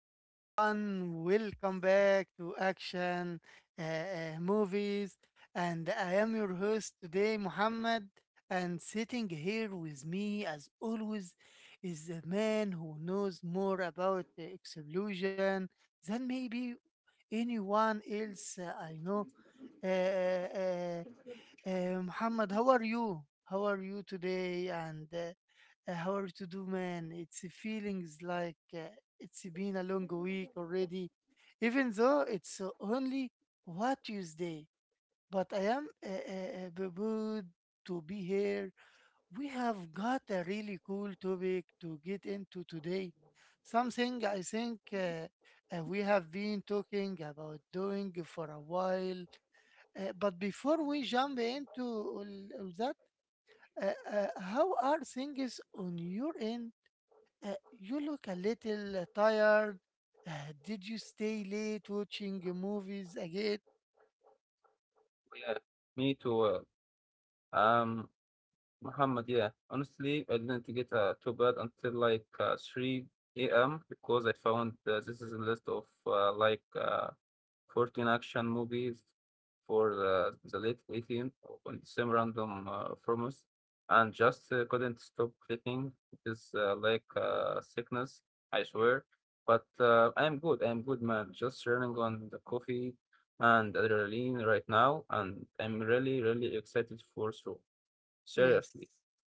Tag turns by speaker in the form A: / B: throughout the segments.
A: everyone. Welcome back to Action Movies. And I am your host today, Muhammad. And sitting here with me, as always, is a man who knows more about the explosion than maybe anyone else I know. Uh, uh, uh, Muhammad, how are you? How are you today? And how are you to do, man? It's a feelings like it's been a long week already, even though it's only what Tuesday. But I am good to be here. We have got a really cool topic to get into today. Something I think we have been talking about doing for a while but before we jump into all that, how are things on your end? You look a little tired. Did you stay late watching movies again?
B: Yeah, me too. Um, Muhammad, yeah. Honestly, I didn't get too bad until like 3 a.m. because I found this is a list of like 14 action movies for the late 18 on the same random format and just couldn't stop clicking. It is like sickness, I swear. But I'm good, man. Just running on the coffee and adrenaline right now, and I'm really, really excited for so
A: Yes.
B: seriously.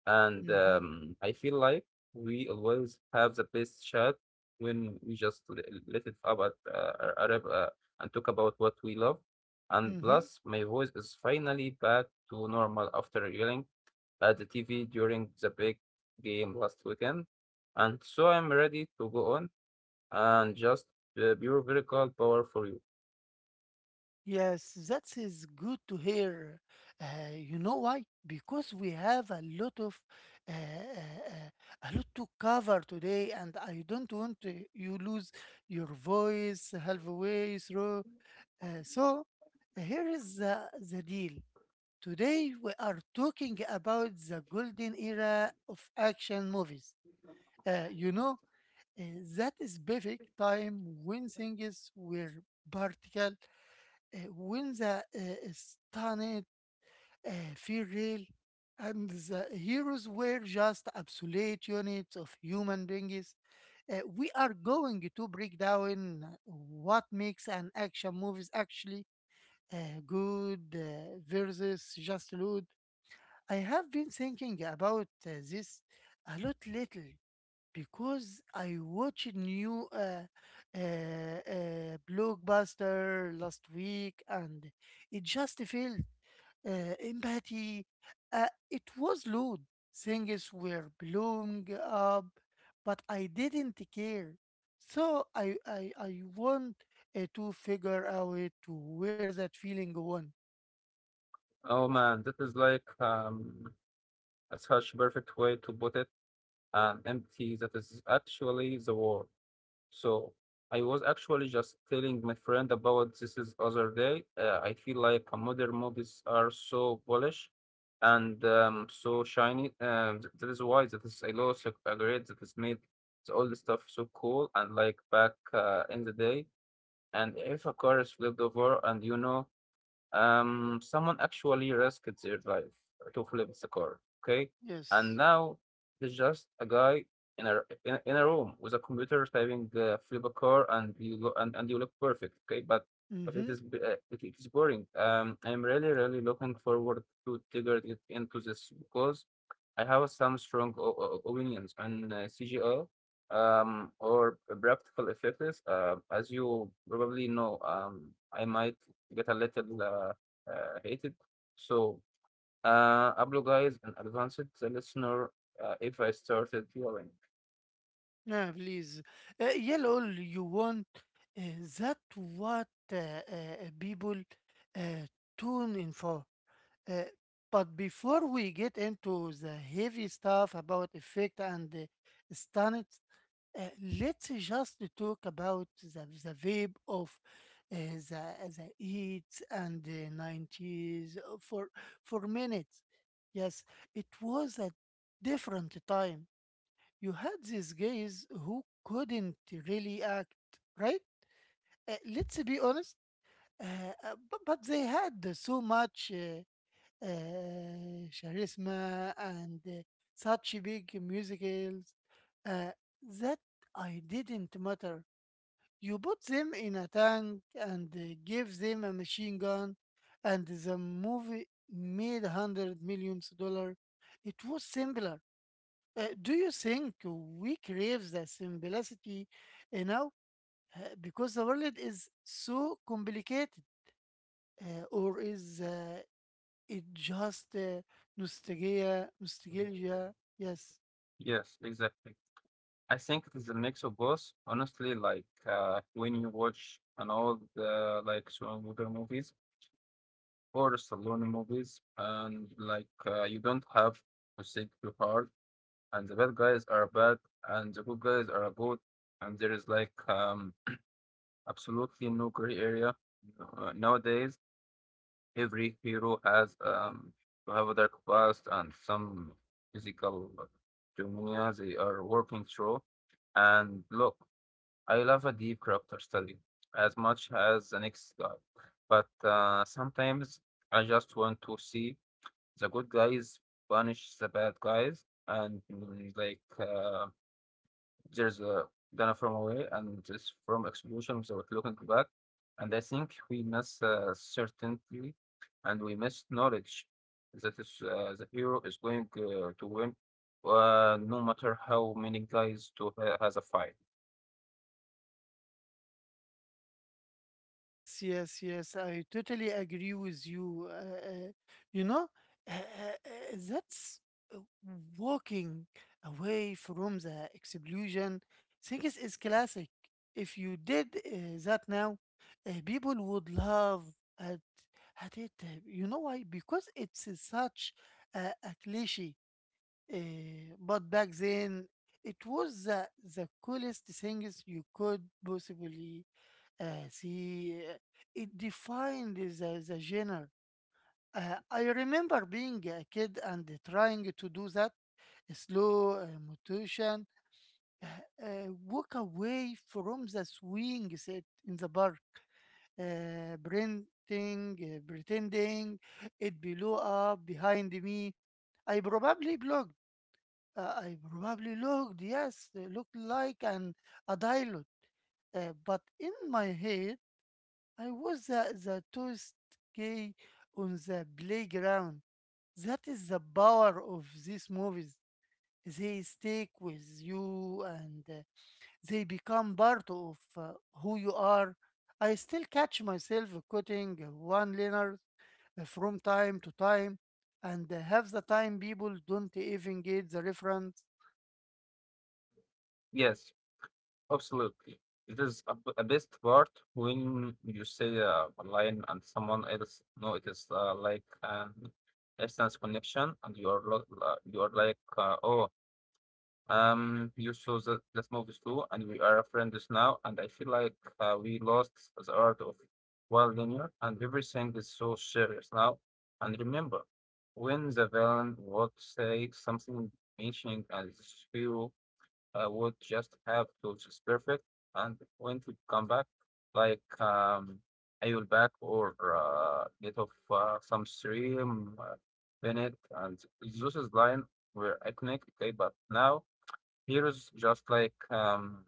B: And
A: Mm-hmm.
B: I feel like we always have the best chat when we just let it about our Arab and talk about what we love. And
A: Mm-hmm.
B: plus, my voice is finally back to normal after yelling at the TV during the big game last weekend. And so I'm ready to go on and just pure vertical power for you.
A: Yes, that is good to hear. You know why? Because we have a lot of uh, uh, a lot to cover today, and I don't want you lose your voice halfway through. So here is the deal. Today we are talking about the golden era of action movies. You know, uh, that is perfect time when things were vertical when the stunned feel real and the heroes were just absolute units of human beings, we are going to break down what makes an action movies actually uh, good versus just good. I have been thinking about this a lot lately because I watched new blockbuster last week, and it just felt empathy. It was loud. Things were blowing up, but I didn't care. So I want to figure out where that feeling went.
B: Oh man, that is like a such perfect way to put it. An empty that is actually the war. So I was actually just telling my friend about this is other day. I feel like modern movies are so polished and so shiny. That is why that is I also agree that is made the old stuff so cool and like back in the day. And if a car is flipped over and someone actually risked their life to flip the car, okay? And
A: Yes.
B: now there's just a guy in a room with a computer typing flip a car, and you go and you look perfect, okay? But it
A: Mm-hmm.
B: is it is boring. I'm really really looking forward to digging it into this because I have some strong opinions on CGI or practical effects. As you probably know, I might get a little heated. So apologize in advance to the listener if I started yelling.
A: Yeah, please. Yell all you want. Uh, that what people uh, tune in for. Uh, but before we get into the heavy stuff about effect and the standards, uh, let's just talk about the vibe of uh, the the 80s and the 90s for minutes. Yes, it was a different time you had these guys who couldn't really act, right? Let's be honest, uh, but they had so much charisma and such big musicals uh, that I didn't matter. You put them in a tank and gave them a machine gun, and the movie made hundred millions dollar. It was simpler do you think we crave the simplicity now Uh, because the world is so complicated, or is it just nostalgia? Nostalgia, yes.
B: Yes, exactly. I think it is a mix of both. Honestly, like when you watch an old like Schwarzenegger movies or Stallone movies, and like you don't have to think too hard, and the bad guys are bad, and the good guys are good, and there is like absolutely no gray area nowadays. Every hero has to have a dark past and some physical trauma they are working through. And look, I love a deep character study as much as the next guy, but sometimes I just want to see the good guys punish the bad guys and like there's a Ghana from away and just from explosion without looking back. And I think we miss certainty and we miss knowledge that is the hero is going to win no matter how many guys to has a fight.
A: Yes, yes, yes. I totally agree with you. You know, that's uh, walking away from the explosion. Things is classic. If you did that now, people would love at at it. You know why? Because it's such a cliche. But back then, it was the coolest things you could possibly. See, it defined the genre. I remember being a kid and trying to do that slow motion, uh, walk away from the swing set in the park, printing, pretending it blew up behind me. I probably blocked. I probably looked, yes, it looked like an a dialogue, but in my head I was the toast guy on the playground. That is the power of these movies. They stick with you and they become part of who you are. I still catch myself quoting one liners from time to time, and half the time people don't even get the reference.
B: Yes, absolutely. It is a best part when you say a line and someone else no, it is like an instance connection, and you are you are like, oh, you saw the, that movies too, and we are friends now, and I feel like we lost the art of well linear, and everything is so serious now. And remember, when the villain would say something mentioning as hero, would just have to just perfect, and when to come back, like I will back or get off some stream, Bennett, and Zeus's line were iconic, okay, but now heroes just like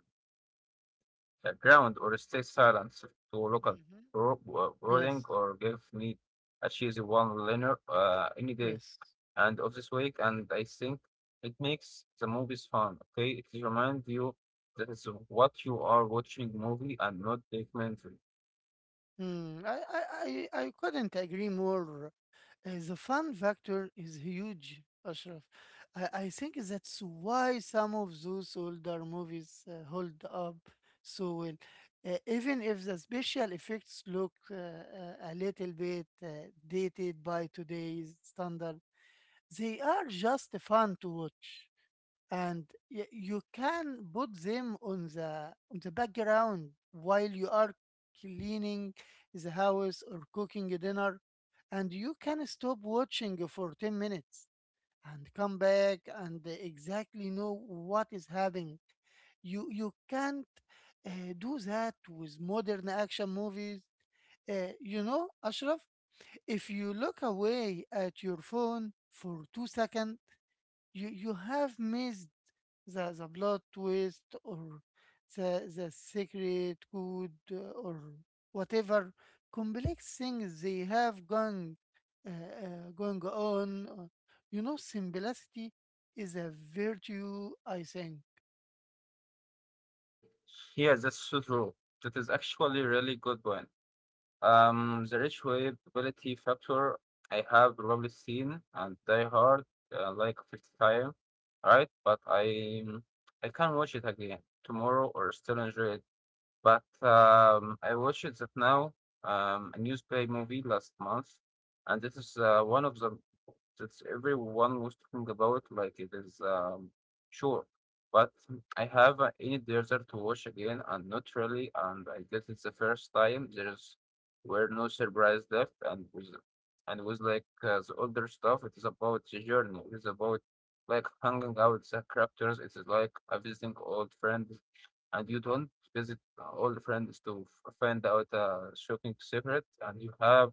B: a ground or stay silent to local
A: Hmm.
B: brooding
A: Yes,
B: or give me a cheesy one liner any day
A: yes.
B: and of this week. And I think it makes the movies fun. Okay, it reminds you that it's what you are watching movie and not documentary.
A: Hmm. I couldn't agree more. The fun factor is huge, Ashraf. I think that's why some of those older movies hold up so well. Even if the special effects look a little bit dated by today's standard, they are just fun to watch and you can put them on the background while you are cleaning the house or cooking dinner and you can stop watching for 10 minutes and come back and exactly know what is happening you can't uh, do that with modern action movies you know ashraf if you look away at your phone for 2 seconds you have missed the plot twist or the secret code or whatever complex things they have going uh, going on. You know, simplicity is a virtue. I think.
B: Yeah, that's so true. That is actually really good one. The rich replayability factor, I have probably seen and Die Hard like 50 times, right? But I can watch it again tomorrow or still enjoy it. But I watched it that now, a newsplay movie last month, and this is one of the that everyone was talking about, like it is sure. But I have any desert to watch again, and not really. And I guess it's the first time there's were no surprise left, and was like the older stuff. It is about the journey. It is about like hanging out with the characters. It is like visiting old friends, and you don't visit old friends to find out a shocking secret, and you have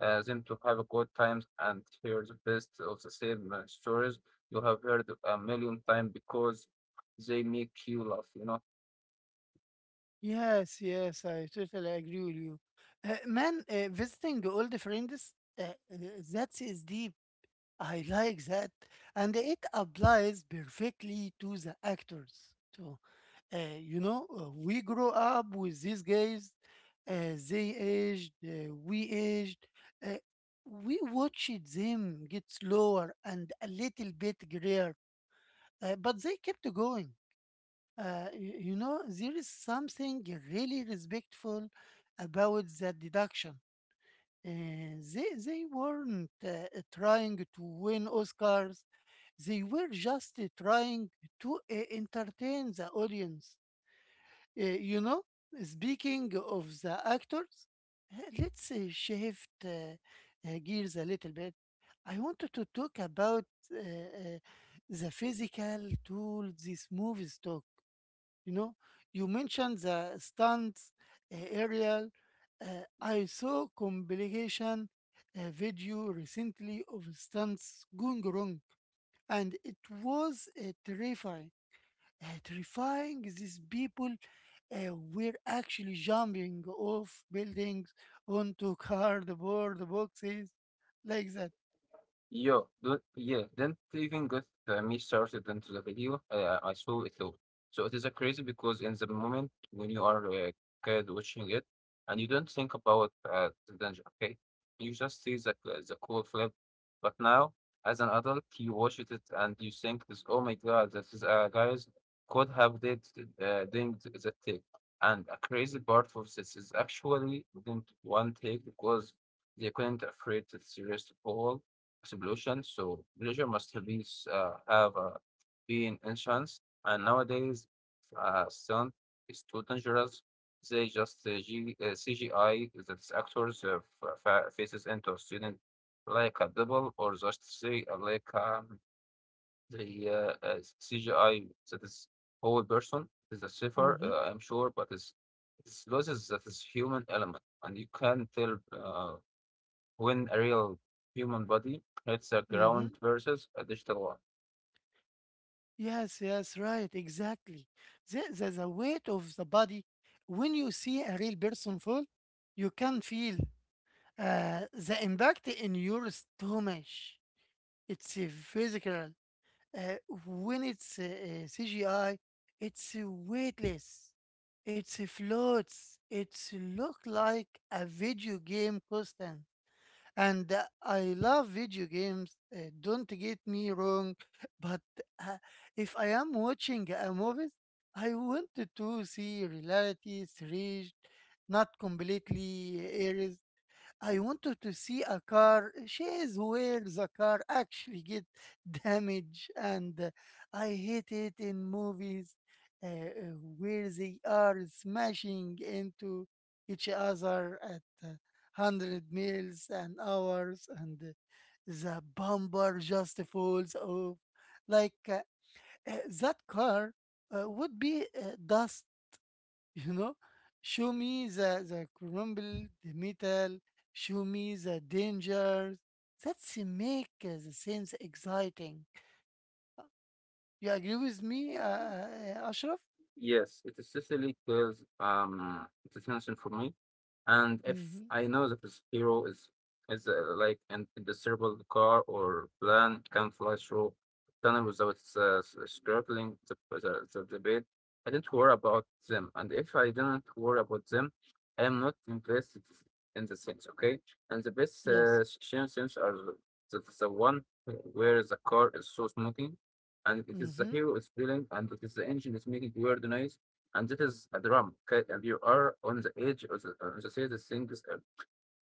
B: them to have a good times and hear the best of the same stories you have heard a million times because they make you laugh.
A: Yes, yes, I totally agree with you. Man, visiting old friends, that is deep. I like that, and it applies perfectly to the actors too. You know, we grow up with these guys. They aged, we aged. Uh, we watched them get slower and a little bit grayer, but they kept going. You know, there is something really respectful about that deduction. They weren't trying to win Oscars they were just trying to entertain the audience. You know, speaking of the actors, let's shift gears a little bit. I wanted to talk about uh, uh, the physical tools these movies took. You know, you mentioned the stunts, aerial. I saw compilation a video recently of stunts going wrong and it was terrifying. Terrifying these people were actually jumping off buildings onto cardboard boxes like that.
B: Yo, don't, yeah, don't even get me started into the video. I saw it all. So it is a crazy because in the moment when you are a kid watching it, and you don't think about the danger, okay? You just see the cool flip. But now, as an adult, you watch it and you think this, oh my God, this is guys could have did the take. And a crazy part of this is actually didn't one take because they couldn't afraid to serious fall explosion. So pleasure must have been have been enhanced. And nowadays, sound is too dangerous. They just CGI that actors faces into a student like a double or just say like the uh, uh, CGI that is whole person is a safer,
A: Mm-hmm,
B: I'm sure, but it loses that is human element, and you can tell. When a real human body hits the ground
A: mm-hmm.
B: versus a digital one.
A: Yes, yes, right, exactly. The weight of the body, when you see a real person fall, you can feel the impact in your stomach. It's physical. Uh, when it's CGI, it's weightless. It's floats. It's look like a video game constant. And I love video games. Don't get me wrong, but uh, if I am watching a movie, I want to see reality stretched, not completely erased. I wanted to see a car. She is where the car actually get damaged, and I hate it in movies where they are smashing into each other at hundred miles an hours, and the bumper just falls off. Like that car would be dust you know show me the crumble the metal show me the dangers that's make the sense exciting you agree with me ashraf.
B: Yes, it essentially clears the tension for me. And if
A: Mm-hmm.
B: I know that this hero is like an indestructible car or plan can fly through tunnel without scraping the bed, I didn't worry about them. And if I didn't worry about them, I am not invested in the sense, okay? And the best
A: Yes.
B: shame sense are the one where the car is so smoky and it is the
A: Mm-hmm.
B: hero is feeling, and it is the engine is making weird noise, and it is a drum. Okay, and you are on the edge of the say the thing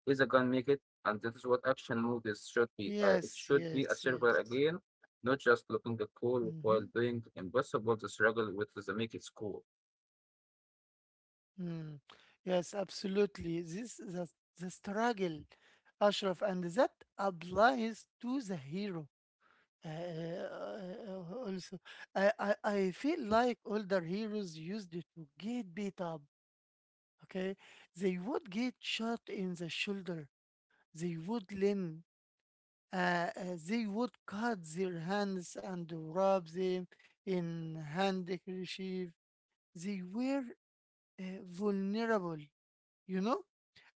B: is a gun make it, and that is what action movies should be. It
A: Yes,
B: should be
A: yes,
B: a survival
A: yes.
B: again, not just looking the cool
A: Mm-hmm.
B: while doing impossible. The struggle with the make it cool.
A: Mm. Yes, absolutely this the struggle ashraf and that applies to the hero Uh, uh, also, I feel like older heroes used to get beat up, okay? They would get shot in the shoulder, they would lean, uh, uh, they would cut their hands and rub them in handkerchief. They were vulnerable, you know?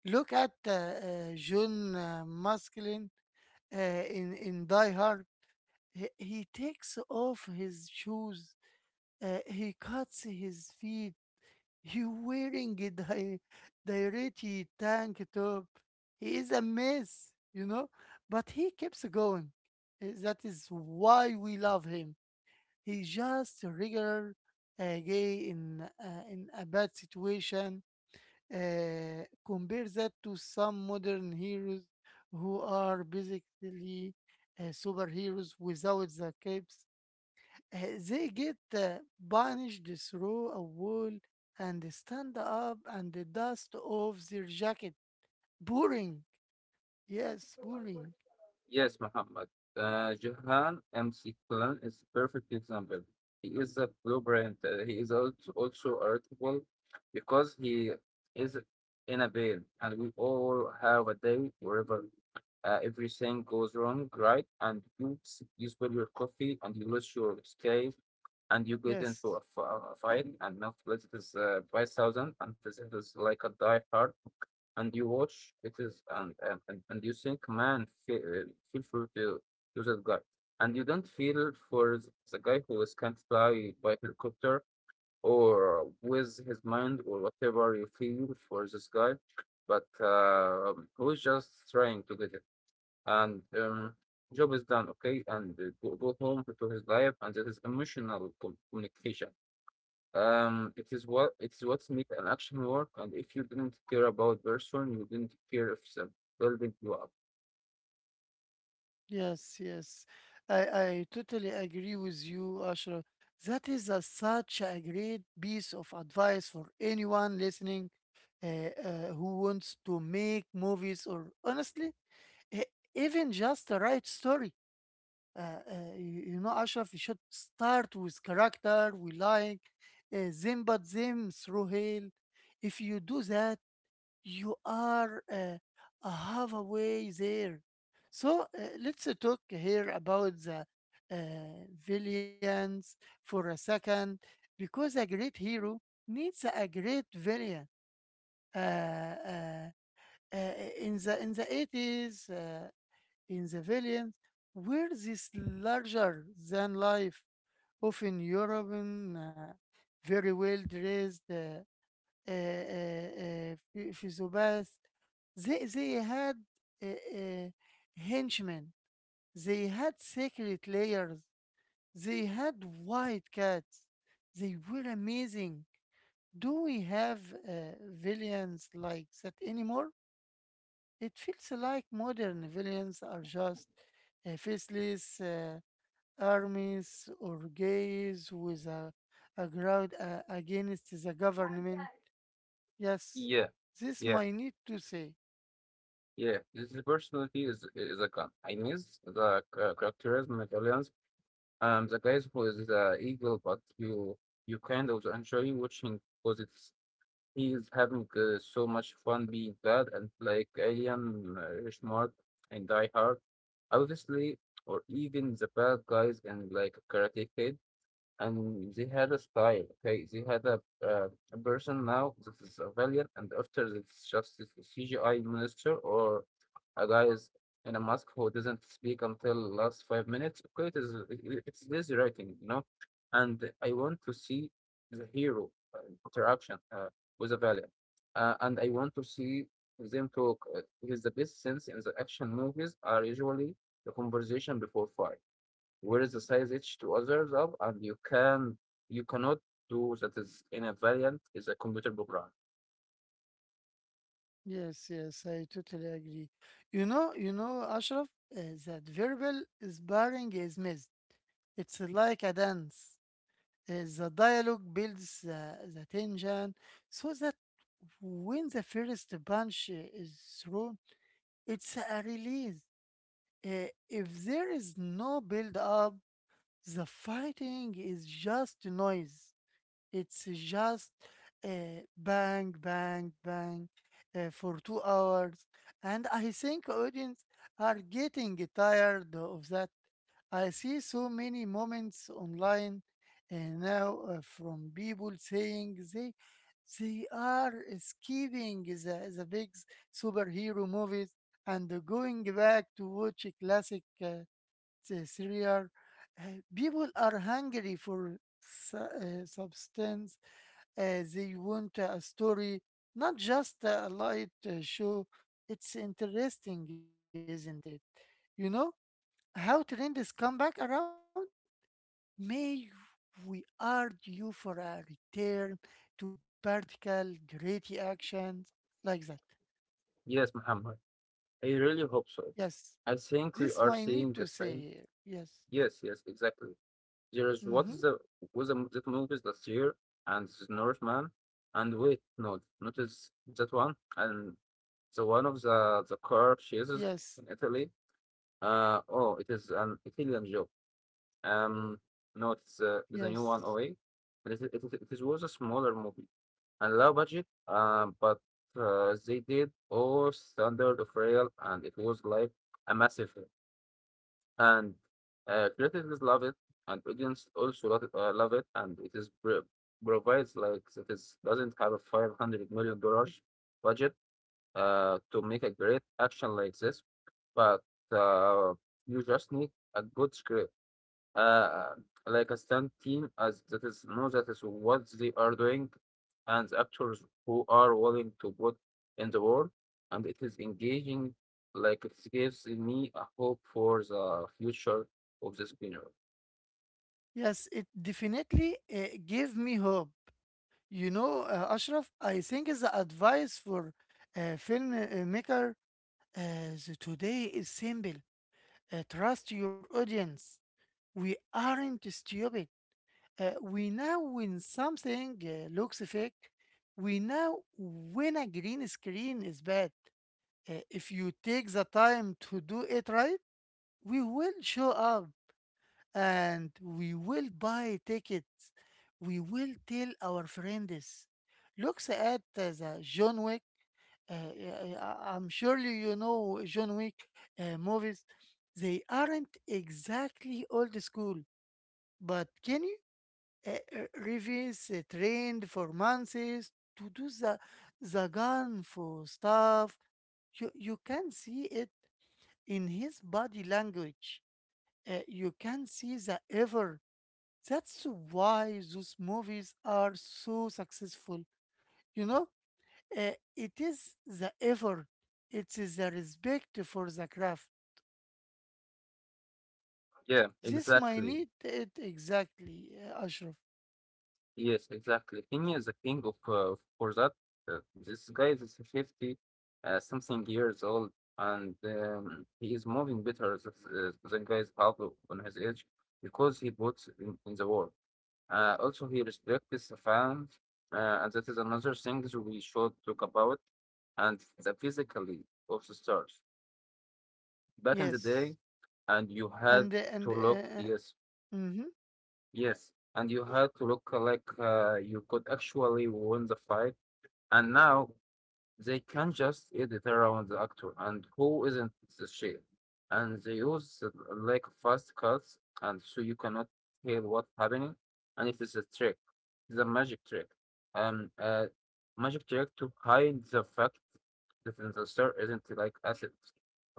A: Look at John Maskelyne in Die Hard. He takes off his shoes he cuts his feet. You wearing a dirty tank top. He is a mess, you know, but he keeps going. That is why we love him. He's just a regular gay in a bad situation. Compare that to some modern heroes who are basically superheroes without the capes they get punished through a wall and stand up and the dust off their jacket. Boring. Yes, boring.
B: Yes, Muhammad. Johann M.C. Klein is a perfect example. He is a blueprint. He is also irritable because he is in a veil, and we all have a day wherever everything goes wrong, right? And you spill your coffee, and you lose your escape, and you get into
A: Yes,
B: a fight, and now this is 5,000, and this is like a die hard and you watch it is and you think man feel free to that guy and you don't feel for the guy who is can't fly by helicopter or with his mind or whatever you feel for this guy but who is just trying to get it and job is done okay and go home to his life and that is emotional communication. It is what it is what's make an action work, and if you didn't care about person, you didn't care if some building you up.
A: yes, yes. I totally agree with you, Ashraf. That is a, such a great piece of advice for anyone listening who wants to make movies or honestly, e- even just write story. You know, Ashraf, you should start with character we like, them but them through hell. If you do that, you are a halfway there. So let's talk here about the villains for a second, because a great hero needs a great villain. Uh, uh, uh, in the 80s. In the villains, where this larger than life, often European, very well dressed uh, uh, physiopath, they had uh, uh, henchmen, they had secret layers, they had white cats, they were amazing. Do we have uh, villains like that anymore? It feels like modern villains are just faceless. Armies or gays with a crowd against the government. Yes,
B: Yeah,
A: this
B: yeah,
A: might need to say.
B: yeah. This is personality is a con. I miss the characterism of aliens. The guys who is the eagle, but you kind of enjoy watching because it's he is having so much fun being bad and like alien, smart and die hard. Obviously, or even the bad guys and like Karate Kid and they had a style. Okay, they had uh, a person now that is a valiant, and after it's just this CGI minister or a guy is in a mask who doesn't speak until last 5 minutes. Okay, it is it's lazy writing. And I want to see the hero interaction with a valiant, and I want to see them talk. Because the best sense in the action movies are usually the conversation before fight where is the size H to others of, and you cannot do that is in a variant is a computer program.
A: Yes, yes, I totally agree. You know, Ashraf, uh, that verbal sparring is missed. It's like a dance. The dialogue builds the tension so that when the first punch is thrown, it's a release. If there is no build up, the fighting is just noise. It's just bang, bang, bang for 2 hours. And I think audience are getting tired of that. I see so many moments online, now, from people saying they are skipping the big superhero movies and going back to watch classic the cereal. People are hungry for substance. They want a story, not just a light show. It's interesting, isn't it? You know how trends come back around? May we argue for a return to vertical, gritty actions like that.
B: Yes, Muhammad. I really hope so.
A: Yes,
B: I think we are
A: this might
B: seeing the
A: need to
B: same.
A: say here. Yes.
B: Yes, yes, exactly. There is what is
A: Mm-hmm.
B: the that movie last year and this Northman and wait no notice that one and the one of the car chases in
A: Yes.
B: Italy. Oh, it is an Italian job. Um, no, it's the new one
A: Yes.
B: away. It was a smaller movie and low budget, but they did all standard of real, and it was like a massive hit. And critics love it, and audience also love it and it is provides like that is doesn't have a $500 million budget to make a great action like this, but uh, you just need a good script uh, like a stunt team as that is know that is what they are doing and the actors who are willing to put in the work and it is engaging like it gives me a hope for the future of this genre.
A: Yes, it definitely gave me hope. You know, Ashraf, I think the advice for a filmmaker, the today is simple. Trust your audience. We aren't stupid. We know when something looks fake. We know when a green screen is bad. If you take the time to do it right, we will show up, and we will buy tickets. We will tell our friends. Looks at the John Wick. I'm surely you know John Wick movies. They aren't exactly old school, but can you uh, revise, trained for months to do the gun for stuff? You can see it in his body language. You can see the effort. That's why those movies are so successful. You know, it is the effort, it is the respect for the craft.
B: Yeah,
A: This might
B: exactly.
A: need it exactly, Ashraf.
B: Yes, exactly. He is the king of for that. This guy is 50 something years old and he is moving better than guys have on his age because he puts in the work. Also, he respects the fans, and that is another thing that we should talk about, and the physically of the stars. Back in the day,
A: Yes,
B: and you had
A: and
B: to look, yes,
A: mm-hmm.
B: yes, and you had to look like you could actually win the fight. And now they can just edit around the actor and who isn't the shape. And they use the, like fast cuts, and so you cannot tell what's happening. And it is a trick, it's a magic trick. Um, uh, Magic trick to hide the fact that the star isn't like athlete,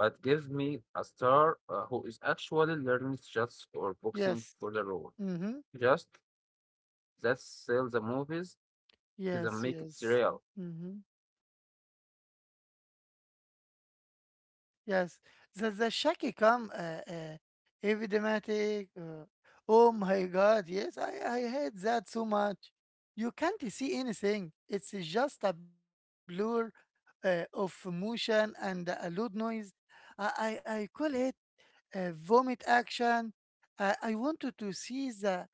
B: but gives me a star who is actually learning shots or boxing
A: Yes,
B: for the role.
A: mm-hmm.
B: Just that sell the movies is a
A: Yes,
B: make it
A: yes,
B: real.
A: mm-hmm. Yes, the shaky come, uh, evidematic. Oh my God! Yes, I hate that so much. You can't see anything. It's just a blur of motion and a loud noise. I call it vomit action. I wanted to see the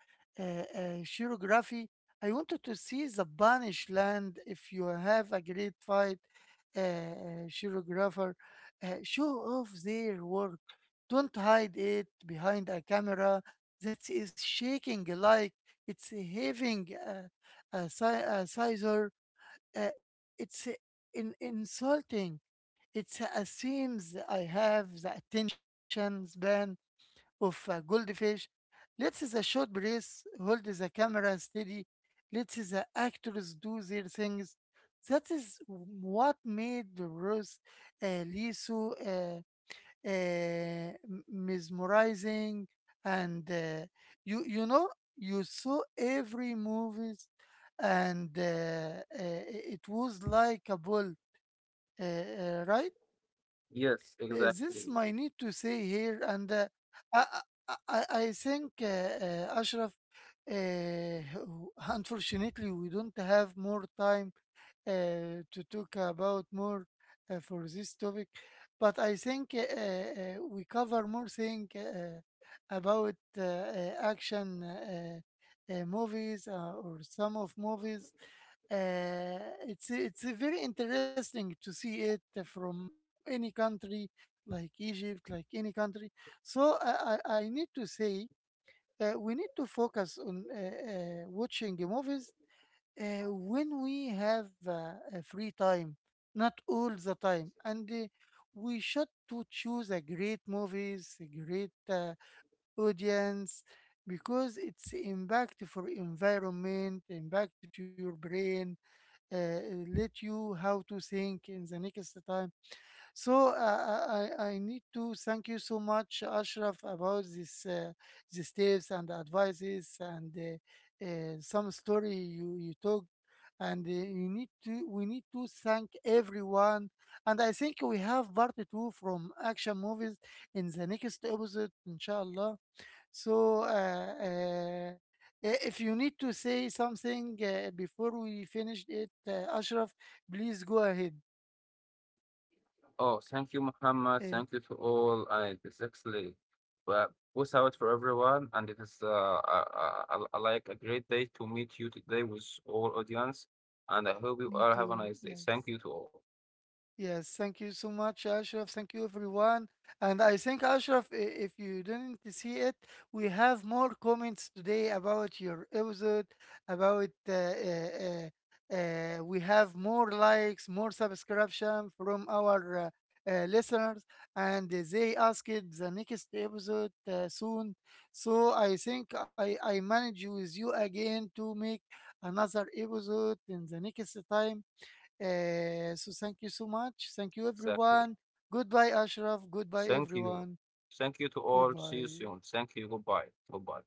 A: choreography. I wanted to see the Banish land. If you have a great fight, choreographer, show off their work. Don't hide it behind a camera that is shaking like it's having a scissor. It's insulting. It's assumes I have the attention span of a goldfish. Let's the short breath, hold the camera steady, let the actors do their things. That is what made the Rose Lee so uh, mesmerizing, and you know you saw every movies, and it was like a ball, right?
B: Yes,
A: This
B: exactly.
A: my need to say here, and I, I think, Ashraf, uh, unfortunately, we don't have more time to talk about more for this topic, but I think we cover more thing about action movies or some of movies. Uh, it's very interesting to see it from any country like Egypt, like any country. So I need to say we need to focus on watching movies when we have a free time, not all the time. And we should to choose a great movies, a great audience, because it's impact for environment, impact to your brain, uh, let you how to think in the next time. So I need to thank you so much, Ashraf, about this these tips and advices, and some story you talked, and you need to we need to thank everyone. And I think we have part two from action movies in the next episode, inshallah. So, if you need to say something before we finish it, Ashraf, please go ahead.
B: Oh, thank you, Muhammad.
A: Uh,
B: Thank you to all. And it's actually, well, peace out for everyone. And it is like a great day to meet you today with all audience. And I hope you
A: Me
B: all have a
A: too.
B: nice day. Thank
A: Yes.
B: you to all.
A: Yes. Thank you so much, Ashraf. Thank you, everyone. And I think, Ashraf, if you didn't see it, we have more comments today about your episode, about we have more likes, more subscription from our listeners, and they asked the next episode soon. So I think I manage with you again to make another episode in the next time, so thank you so much. Thank you,
B: Exactly.
A: everyone. Goodbye, Ashraf. Goodbye,
B: Thank you.
A: everyone.
B: Thank you to all. See you
A: Goodbye.
B: soon. Thank you. Goodbye. Goodbye.